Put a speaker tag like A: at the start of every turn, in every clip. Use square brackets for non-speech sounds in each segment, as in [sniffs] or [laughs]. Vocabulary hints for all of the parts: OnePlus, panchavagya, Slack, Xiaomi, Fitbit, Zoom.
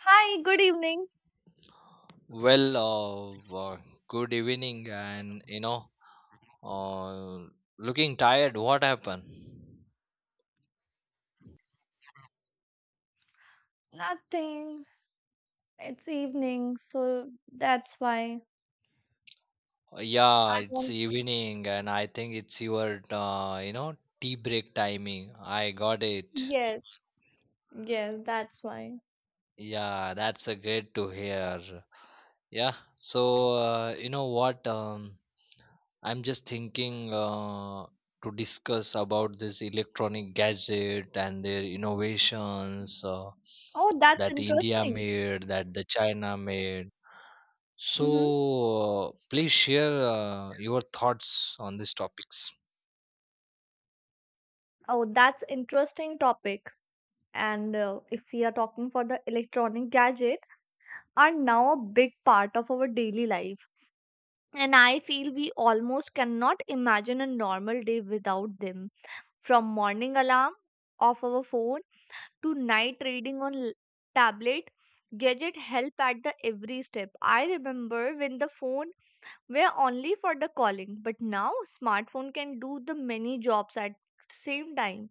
A: Hi, good evening.
B: Well, uh, uh, Good evening, and uh, looking tired. What happened?
A: Nothing. It's evening, so that's why
B: Yeah,
A: I
B: it's
A: want.
B: evening, and I think it's your tea break timing. I got it.
A: Yes, yes, that's why.
B: Yeah, that's a great to hear. Yeah, so you know what? I'm just thinking to discuss about this electronic gadget and their innovations
A: Oh, that's
B: that India
A: interesting.
B: made, that the China made. So,
A: Mm-hmm.
B: uh, please share your thoughts on these topics.
A: Oh, that's interesting topic. And If we are talking for the electronic gadget, are now a big part of our daily life. And I feel we almost cannot imagine a normal day without them. From morning alarm of our phone to night reading on tablet, gadget help at the every step. I remember when the phone were only for the calling, but now smartphone can do the many jobs at same time.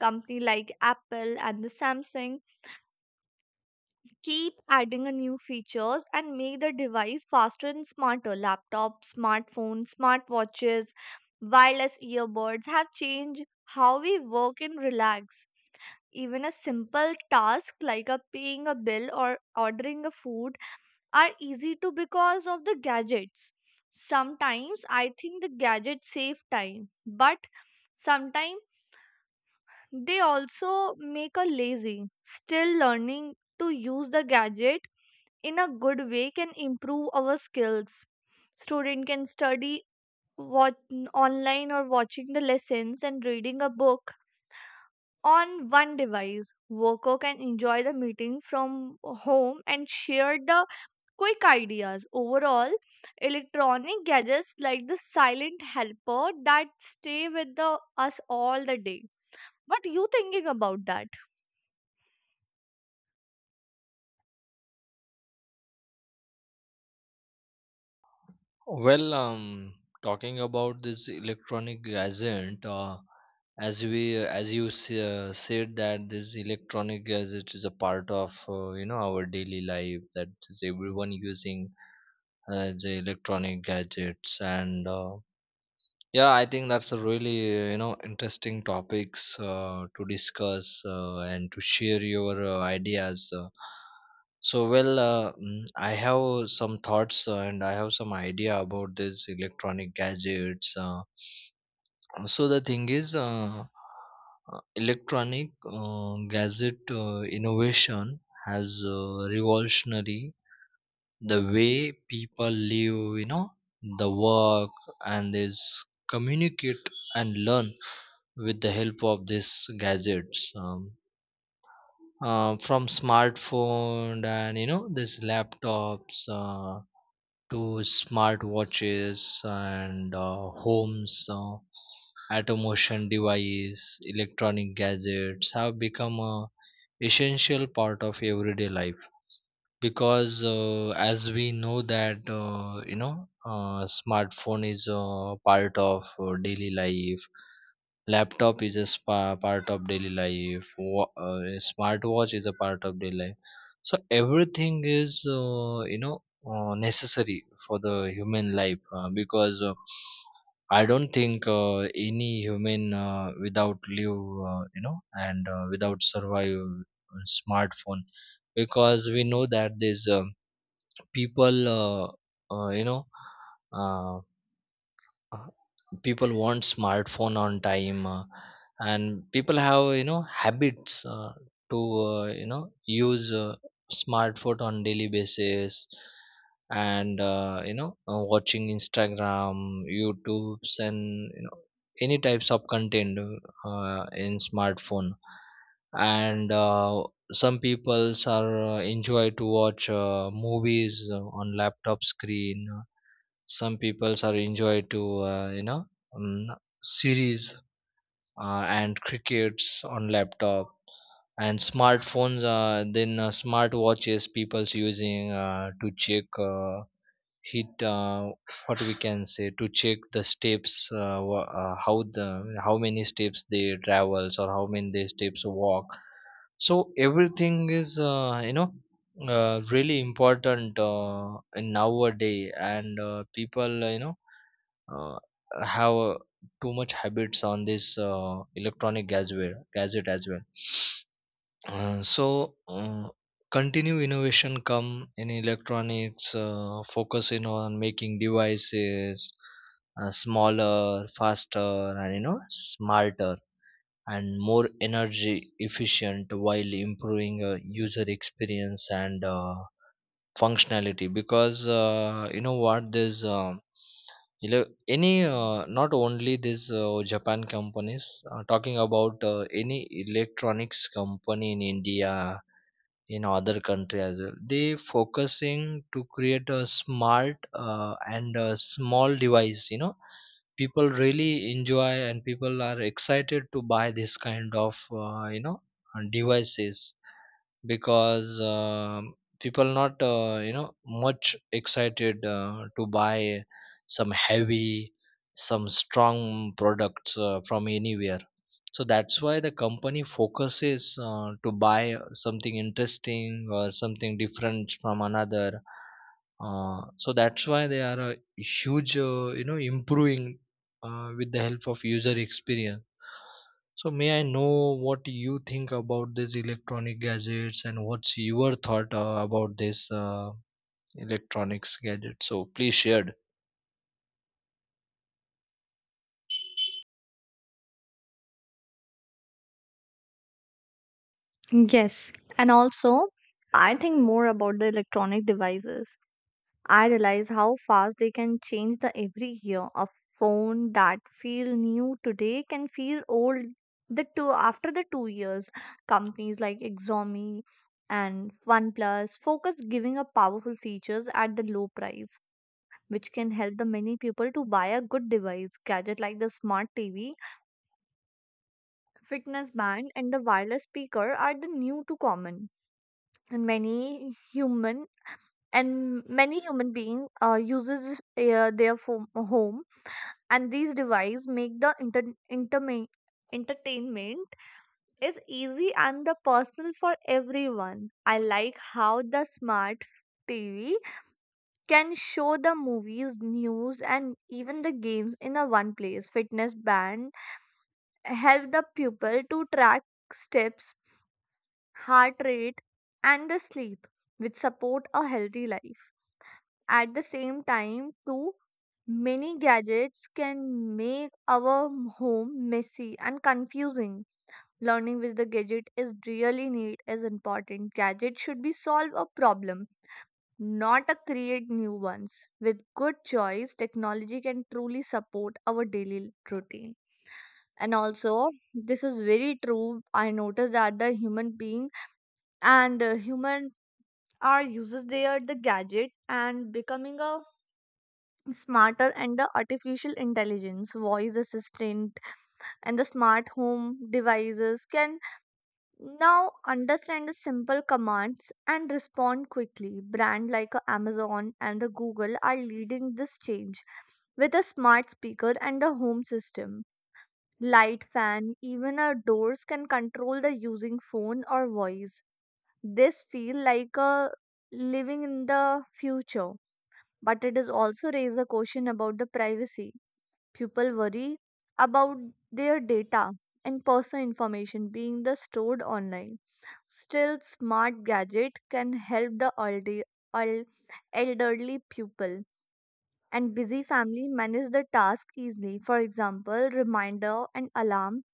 A: Company like Apple and the Samsung keep adding a new features and make the device faster and smarter. Laptops, smartphones, smartwatches, wireless earbuds have changed how we work and relax. Even a simple task like a paying a bill or ordering a food are easy to because of the gadgets. Sometimes I think the gadgets save time, but sometimes they also make a lazy. Still, learning to use the gadget in a good way can improve our skills. Student can study what online or watching the lessons and reading a book on one device. Worker can enjoy the meeting from home and share the quick ideas. Overall, electronic gadgets like the silent helper that stay with the, us all the day. What are you thinking about that?
B: Well, um, Talking about this electronic gadget, as you said that this electronic gadget is a part of our daily life, that is everyone using the electronic gadgets, and yeah, I think that's a really interesting topics to discuss and to share your ideas So, I have some thoughts and I have some idea about this electronic gadgets. So the thing is, electronic gadget innovation has revolutionary the way people live, you know, the work, and this communicate and learn with the help of these gadgets, from smartphone and you know these laptops, to smart watches and homes automation device. Electronic gadgets have become a essential part of everyday life, because as we know that you know smartphone is part of daily life. Laptop is a spa part of daily life. A smartwatch is a part of daily life. So everything is necessary for the human life, because I don't think any human without live and without survive smartphone, because we know that there's people Uh, uh, people want smartphone on time, and people have, you know, habits to use smartphone on daily basis, and watching instagram, youtubes, and you know any types of content in smartphone, and some peoples are enjoy to watch movies on laptop screen. Some peoples are enjoy to um, series and crickets on laptop and smartphones. Then smart watches people's using to check hit what we can say to check the steps, how the how many steps they travels or how many they steps walk. So everything is really important in nowadays, and people uh, have too much habits on this electronic gadget as well. So uh, continue innovation come in electronics, focusing on making devices smaller, faster, and you know smarter, and more energy efficient, while improving user experience and functionality, because you know what this you know, any not only this Japan companies. Talking about any electronics company in India, in other country as well. They focusing to create a smart and a small device. You know, people really enjoy, and people are excited to buy this kind of devices, because people not much excited to buy some heavy, some strong products from anywhere. So that's why the company focuses to buy something interesting or something different from another. So that's why they are a huge, improving with the help of user experience. So may I know what you think about these electronic gadgets, and what's your thought about this electronics gadget? So please shared.
A: Yes, and also I think more about the electronic devices. I realize how fast they can change the every year. A phone that feel new today can feel old the two after the 2 years. Companies like Xiaomi and OnePlus focus giving up powerful features at the low price, which can help the many people to buy a good device. Gadget like the smart TV, fitness band, and the wireless speaker are the new to common and many human being uses their phone, home, and these devices make the entertainment is easy and the personal for everyone. I like how the smart TV can show the movies, news, and even the games in a one place. Fitness band help the pupil to track steps, heart rate, and the sleep, which support a healthy life. At the same time, too, many gadgets can make our home messy and confusing. Learning which the gadget is really need is important. Gadget should be solve a problem, not a create new ones. With good choice, technology can truly support our daily routine. And also, this is very true. I noticed that the human being and human are uses their the gadget and becoming a smarter, and the artificial intelligence voice assistant and the smart home devices can now understand the simple commands and respond quickly. Brand like Amazon and the Google are leading this change with a smart speaker and the home system. Light, fan, even our doors can control the using phone or voice. This feel like a living in the future, but it is also raise a question about the privacy. People worry about their data and personal information being the stored online. Still, smart gadget can help the elderly people and busy family manage the task easily. For example, reminder and alarm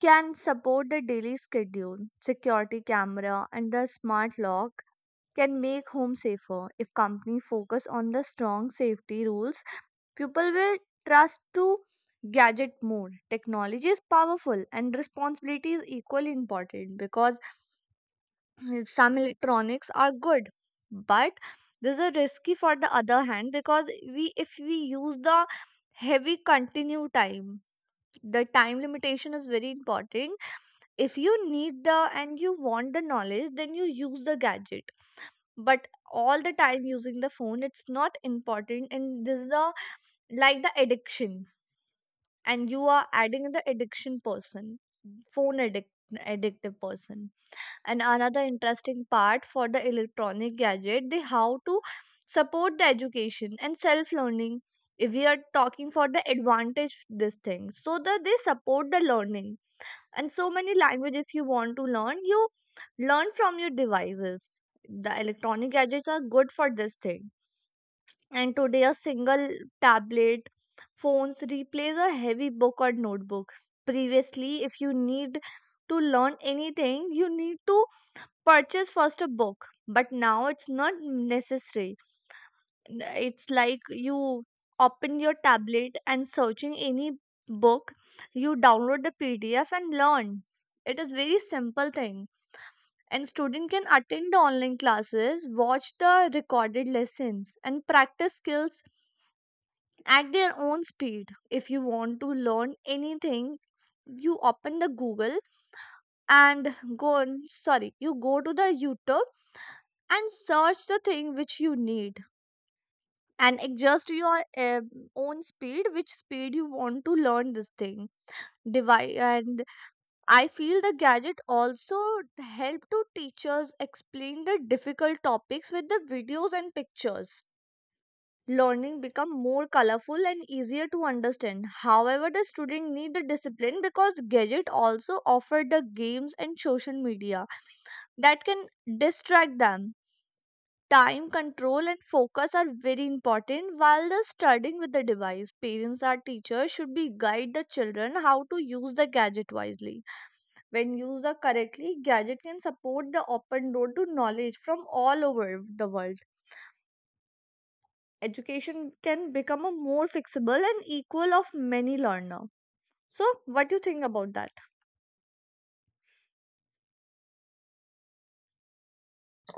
A: can support the daily schedule. Security camera and the smart lock can make home safer. If company focus on the strong safety rules, people will trust to gadget more. Technology is powerful and responsibility is equally important, because [clears throat] [sniffs] some electronics are good, but this is risky for the other hand, because we, if we use the heavy continue time, the time limitation is very important. If you need the and you want the knowledge, then you use the gadget. But all the time using the phone, it's not important, and this is the like the addiction, and you are adding the addiction person, phone addict, addictive person. And another interesting part for the electronic gadget, they how to support the education and self learning. If we are talking for the advantage this thing, so that they support the learning. And so many language, if you want to learn, you learn from your devices. The electronic gadgets are good for this thing. And today a single tablet, phones replace a heavy book or notebook. Previously, if you need to learn anything, you need to purchase first a book, but now it's not necessary. N- it's like you open your tablet and searching any book, you download the PDF and learn. It is very simple thing. And student can attend the online classes, watch the recorded lessons, and practice skills at their own speed. If you want to learn anything, you open the Google and go on, sorry, you go to the YouTube and search the thing which you need and adjust your own speed, which speed you want to learn this thing. And I feel the gadget also help to teachers explain the difficult topics with the videos and pictures. Learning become more colorful and easier to understand. However, the student need the discipline because gadget also offer the games and social media that can distract them. Time control and focus are very important while the studying with the device. Parents or teachers should be guide the children how to use the gadget wisely. When used correctly, gadget can support the open door to knowledge from all over the world. Education can become a more flexible and equal of many learner. So what do you think about that?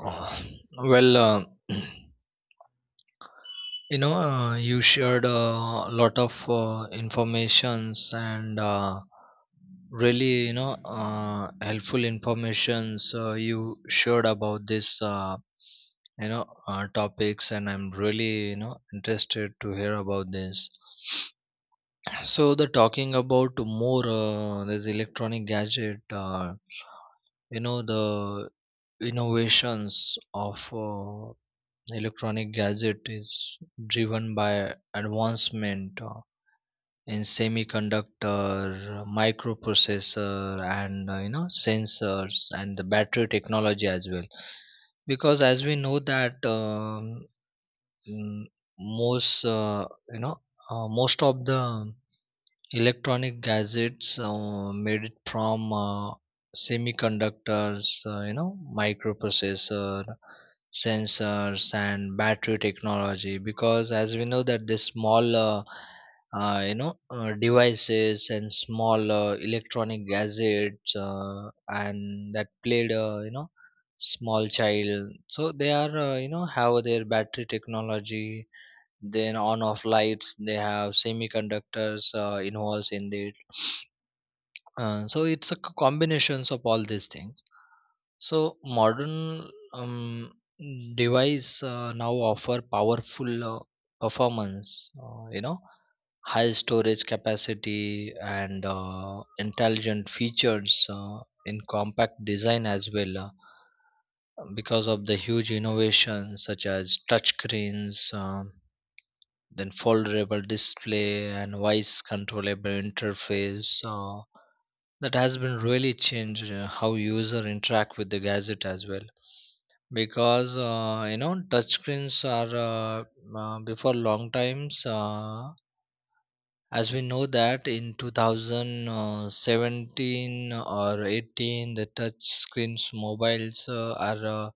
B: Uh, well, [clears throat] you know, you shared a lot of informations, and really, you know, helpful informations you shared about this. You know topics, and I'm really, you know, interested to hear about this. So the talking about more this electronic gadget, you know the innovations of electronic gadget is driven by advancement in semiconductor, microprocessor, and sensors and the battery technology as well. Because as we know that mm, most you know most of the electronic gadgets made it from semiconductors, microprocessor, sensors, and battery technology. Because as we know that the small, devices, and small electronic gadgets and that played small child, so they are have their battery technology. Then on off lights they have semiconductors involves in it. So it's a combinations of all these things. So modern, um, device now offer powerful performance, high storage capacity, and intelligent features in compact design as well, because of the huge innovations such as touch screens, then foldable display and voice controllable interface that has been really changed how user interact with the gadget as well. Because touch screens are, before long times, as we know that in 2017 or 18 the touch screens mobiles are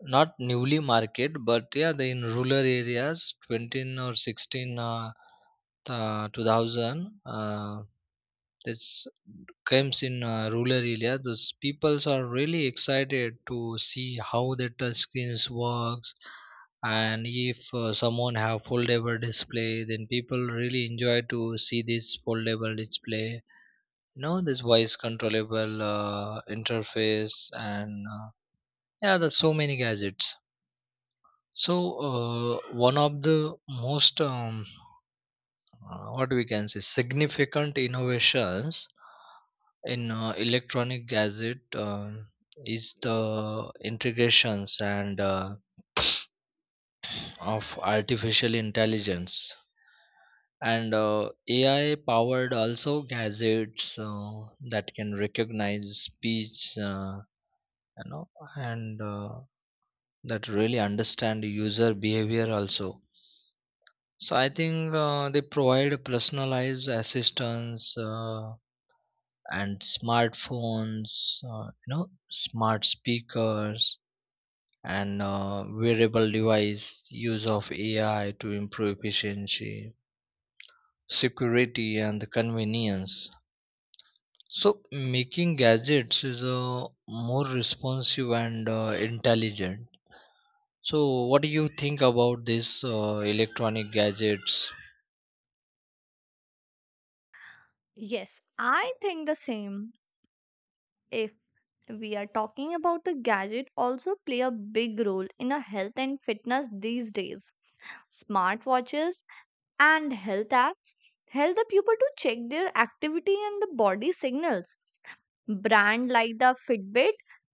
B: not newly market. But yeah, the in rural areas 20 or 16, 2000, this comes in rural area. Those peoples are really excited to see how the touch screens works, and if someone have foldable display, then people really enjoy to see this foldable display, you know, this voice controllable interface. And yeah, there's so many gadgets. So, one of the most what we can say significant innovations in electronic gadget is the integrations and of artificial intelligence, and AI powered also gadgets that can recognize speech, you know and that really understand user behavior also. So I think they provide personalized assistance, and smartphones, smart speakers, and wearable device use of AI to improve efficiency, security, and the convenience. So, making gadgets is more responsive and intelligent. So, what do you think about this electronic gadgets?
A: Yes, I think the same. If we are talking about the gadget also play a big role in our health and fitness these days. Smartwatches and health apps help the people to check their activity and the body signals. Brand like the Fitbit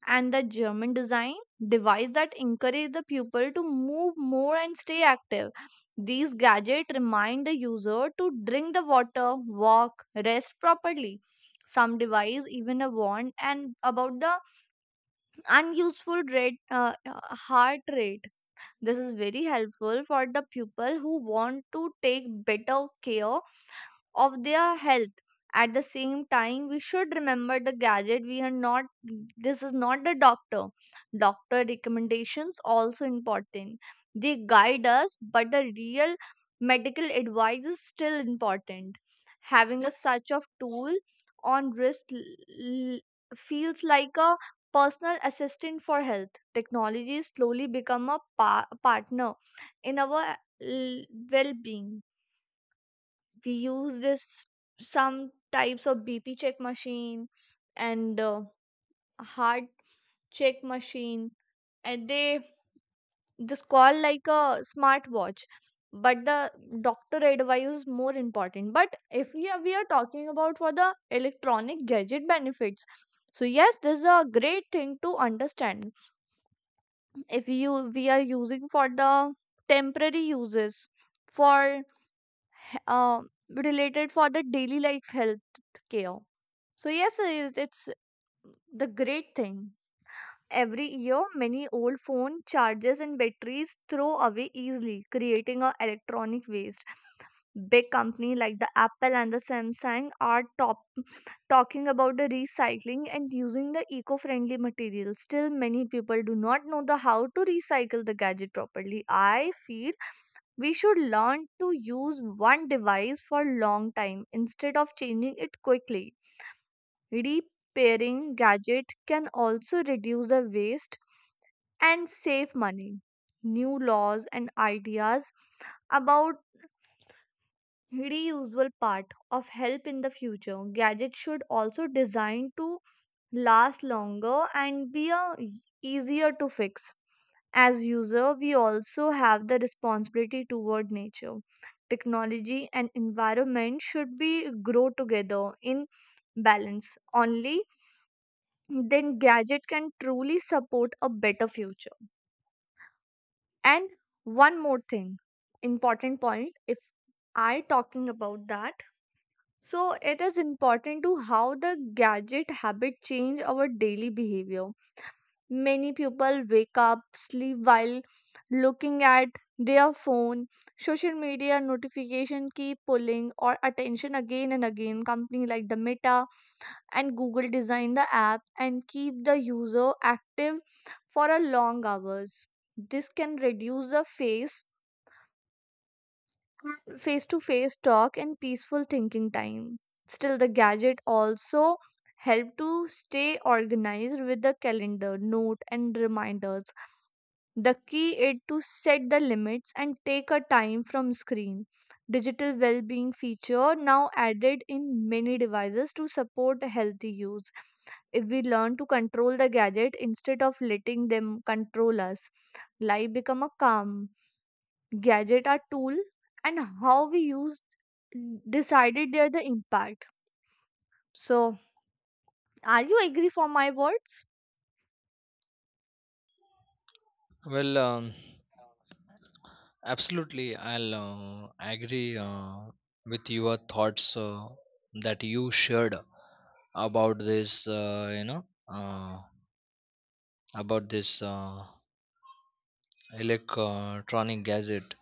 A: and the German design device that encourage the pupil to move more and stay active. These gadgets remind the user to drink the water, walk, rest properly. Some device even a warn and about the unuseful rate, heart rate. This is very helpful for the people who want to take better care of their health. At the same time, we should remember the gadget, we are not, this is not the doctor. Doctor recommendations also important. They guide us, but the real medical advice is still important. Having a such of tool on wrist feels like a personal assistant for health. Technology slowly become a partner in our well-being. We use this some types of BP check machine and heart check machine, and they just call like a smartwatch. But the doctor advice is more important. But if we are talking about for the electronic gadget benefits, so yes, this is a great thing to understand. If you we are using for the temporary uses for uh, related for the daily life health care. So yes, it's the great thing. Every year, many old phone chargers and batteries throw away easily, creating a electronic waste. Big company like the Apple and the Samsung are top talking about the recycling and using the eco-friendly materials. Still, many people do not know the how to recycle the gadget properly. I feel we should learn to use one device for long time instead of changing it quickly. Repairing gadget can also reduce the waste and save money. New laws and ideas about reusable part of help in the future. Gadgets should also designed to last longer and be a easier to fix. As user, we also have the responsibility toward nature. Technology and environment should be grow together in balance. Only then gadget can truly support a better future. And one more thing, important point, if I talking about that, so it is important to how the gadget habit change our daily behavior. Many people wake up sleep while looking at their phone. Social media notification keep pulling or attention again and again. Company like the Meta and Google design the app and keep the user active for a long hours. This can reduce the phase, face to face talk and peaceful thinking time. Still, the gadget also help to stay organized with the calendar, note, and reminders. The key is to set the limits and take a time from screen. Digital well-being feature now added in many devices to support healthy use. If we learn to control the gadget instead of letting them control us, life become a calm. Gadget are tool, and how we used decided there the impact. So are you agree for my words?
B: Well, um, Absolutely, I'll agree with your thoughts that you shared about this, uh, about this electronic gadget.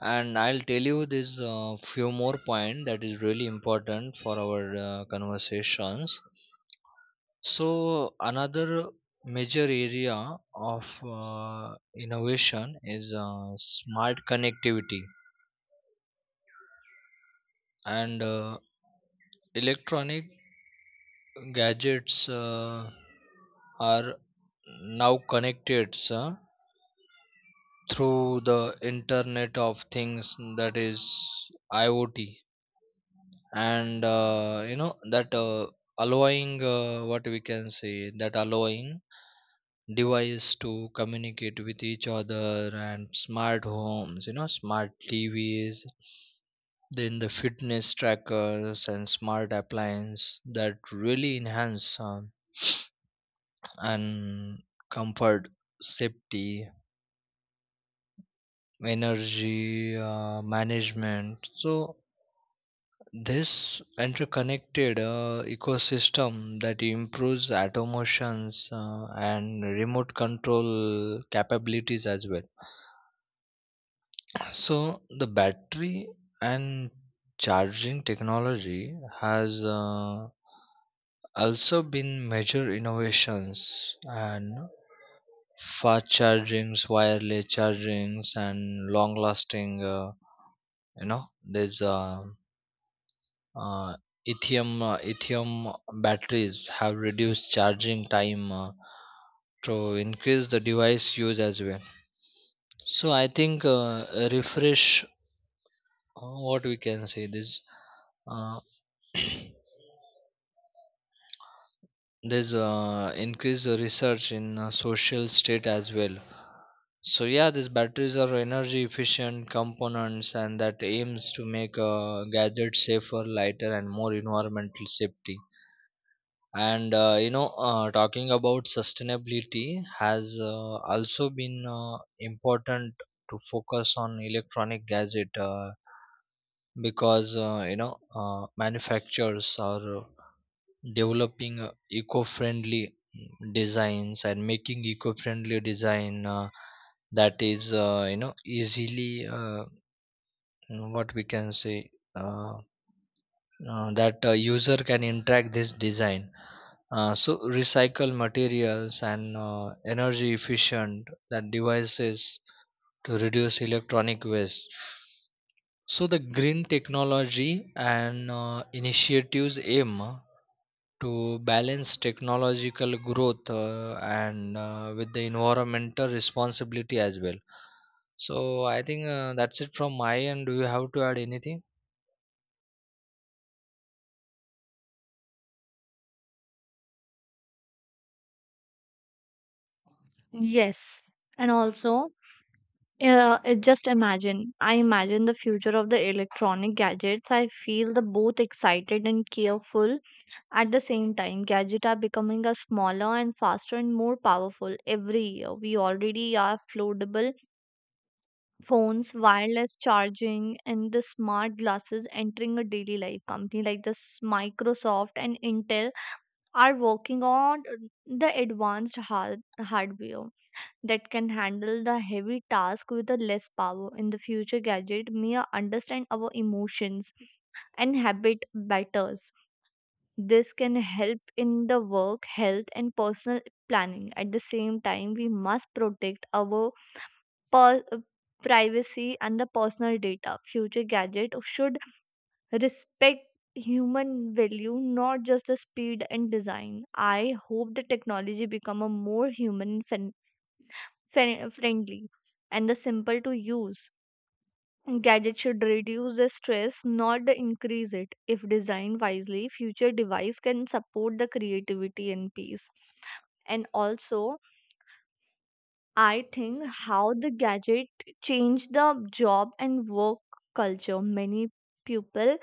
B: And I'll tell you this few more point that is really important for our conversations. So another major area of innovation is smart connectivity, and electronic gadgets are now connected through the internet of things, that is IOT, and that allowing, what we can say that allowing device to communicate with each other, and smart homes, you know, smart tvs, then the fitness trackers and smart appliances that really enhance, and comfort, safety, energy management. So this interconnected ecosystem that improves automations and remote control capabilities as well. So the battery and charging technology has also been major innovations, and fast chargings, wireless chargings, and long lasting. You know, there's uh, lithium, lithium batteries have reduced charging time to increase the device use as well. So I think refresh. What we can say this. Uh, [clears throat] there's increased research in social state as well. So yeah, these batteries are energy efficient components, and that aims to make gadgets safer, lighter, and more environmental safety. And talking about sustainability has also been important to focus on electronic gadget, because manufacturers are developing eco-friendly designs, and making eco-friendly design, that is easily, what we can say that user can interact this design. So recycle materials and energy efficient that devices to reduce electronic waste. So the green technology and initiatives aim to balance technological growth and with the environmental responsibility as well. So I think that's it from my end. Do you have to add anything?
A: Yes. And also, it just imagine. I imagine the future of the electronic gadgets. I feel the both excited and careful at the same time. Gadgets are becoming a smaller and faster and more powerful every year. We already are floatable phones, wireless charging, and the smart glasses entering a daily life. Company like this Microsoft and Intel are working on the advanced hardware that can handle the heavy task with the less power. In the future, gadget may understand our emotions and habit better. This can help in the work, health, and personal planning. At the same time, we must protect our per- privacy and the personal data. Future gadget should respect human value, not just the speed and design. I hope the technology become a more human friendly and the simple to use. Gadget should reduce the stress, not the increase it. If designed wisely, future device can support the creativity and peace. And also, I think how the gadget changed the job and work culture. Many people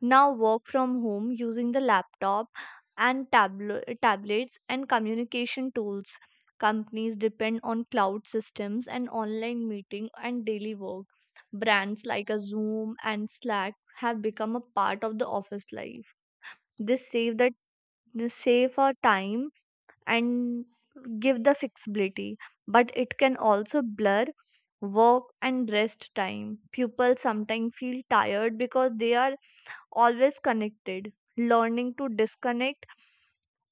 A: now work from home using the laptop and tablets and communication tools. Companies depend on cloud systems and online meeting and daily work. Brands like a Zoom and Slack have become a part of the office life. This save that this save our time and give the flexibility, but it can also blur work and rest time. Pupils sometimes feel tired because they are always connected. Learning to disconnect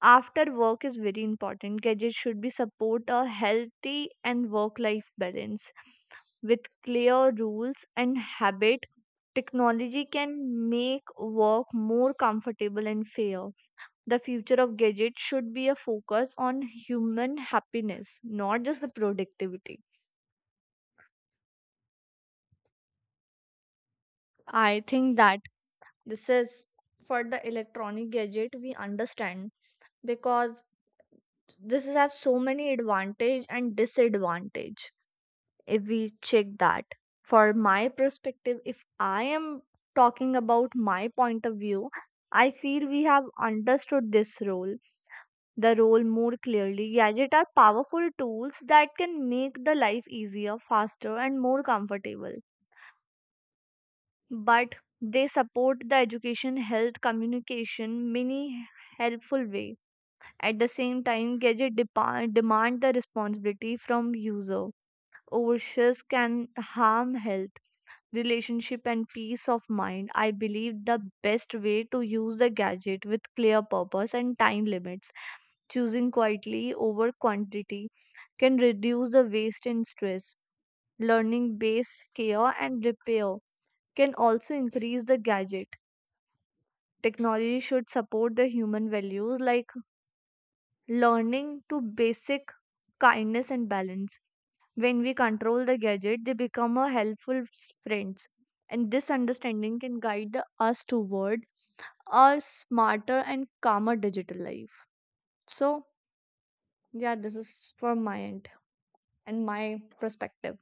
A: after work is very important. Gadgets should be support a healthy and work life balance. With clear rules and habit, technology can make work more comfortable and fair. The future of gadgets should be a focus on human happiness, not just the productivity. I think that this is for the electronic gadget we understand, because this has so many advantage and disadvantage. If we check that for my perspective, if I am talking about my point of view, I feel we have understood this role, the role more clearly. Gadgets are powerful tools that can make the life easier, faster, and more comfortable. But they support the education, health, communication many helpful way. At the same time, gadget demand the responsibility from user. Overshares can harm health, relationship, and peace of mind. I believe the best way to use the gadget with clear purpose and time limits. Choosing quietly over quantity can reduce the waste and stress. Learning base care and repair can also increase the gadget. Technology should support the human values like learning to basic, kindness, and balance. When we control the gadget, they become a helpful friends. And this understanding can guide us toward a smarter and calmer digital life. So, yeah, this is from my end and my perspective.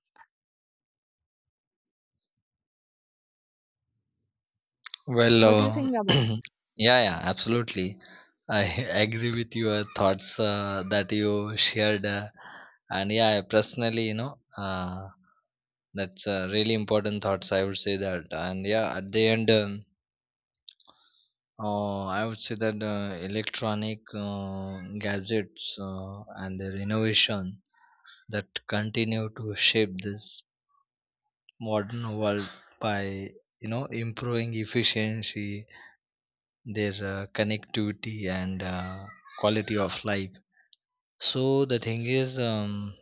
B: Well,
A: What do you
B: uh,
A: think about?
B: [clears throat] yeah, yeah, absolutely. I [laughs] agree with your thoughts that you shared, and yeah, personally, you know, that's really important thoughts, I would say that. And yeah, at the end. I would say that electronic gadgets and their innovation that continue to shape this modern world by, you know, improving efficiency, their connectivity, and quality of life. So the thing is,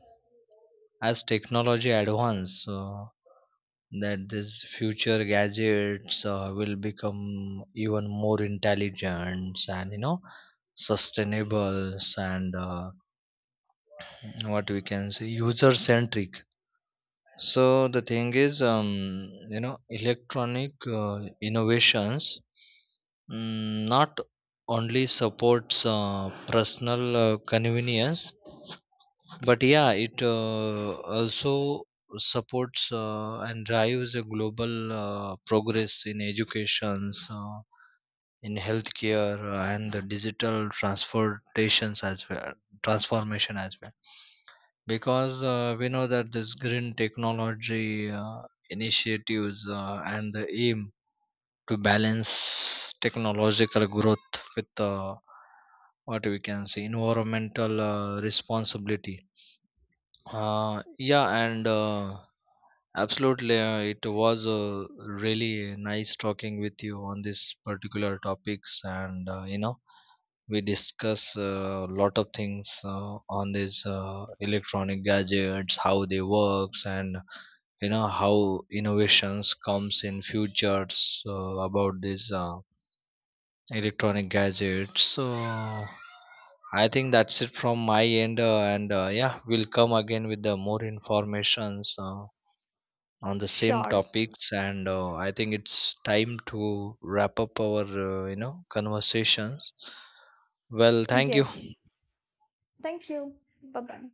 B: as technology advances, that these future gadgets will become even more intelligent, and you know sustainable, and what we can say user centric. So the thing is, electronic innovations not only supports personal convenience, but yeah, it also supports and drives a global progress in educations, in healthcare, and the digital transportations as well, transformation as well. Because we know that this green technology initiatives and the aim to balance technological growth with, what we can say environmental responsibility. Yeah, and absolutely, it was really nice talking with you on this particular topics, and we discuss a lot of things on these electronic gadgets, how they works, and you know how innovations comes in futures about this electronic gadgets. So I think that's it from my end, and yeah, we'll come again with the more informations on the same
A: Sure.
B: topics. And I think it's time to wrap up our conversations. Well, thank you.
A: Yes. Thank you. Bye bye.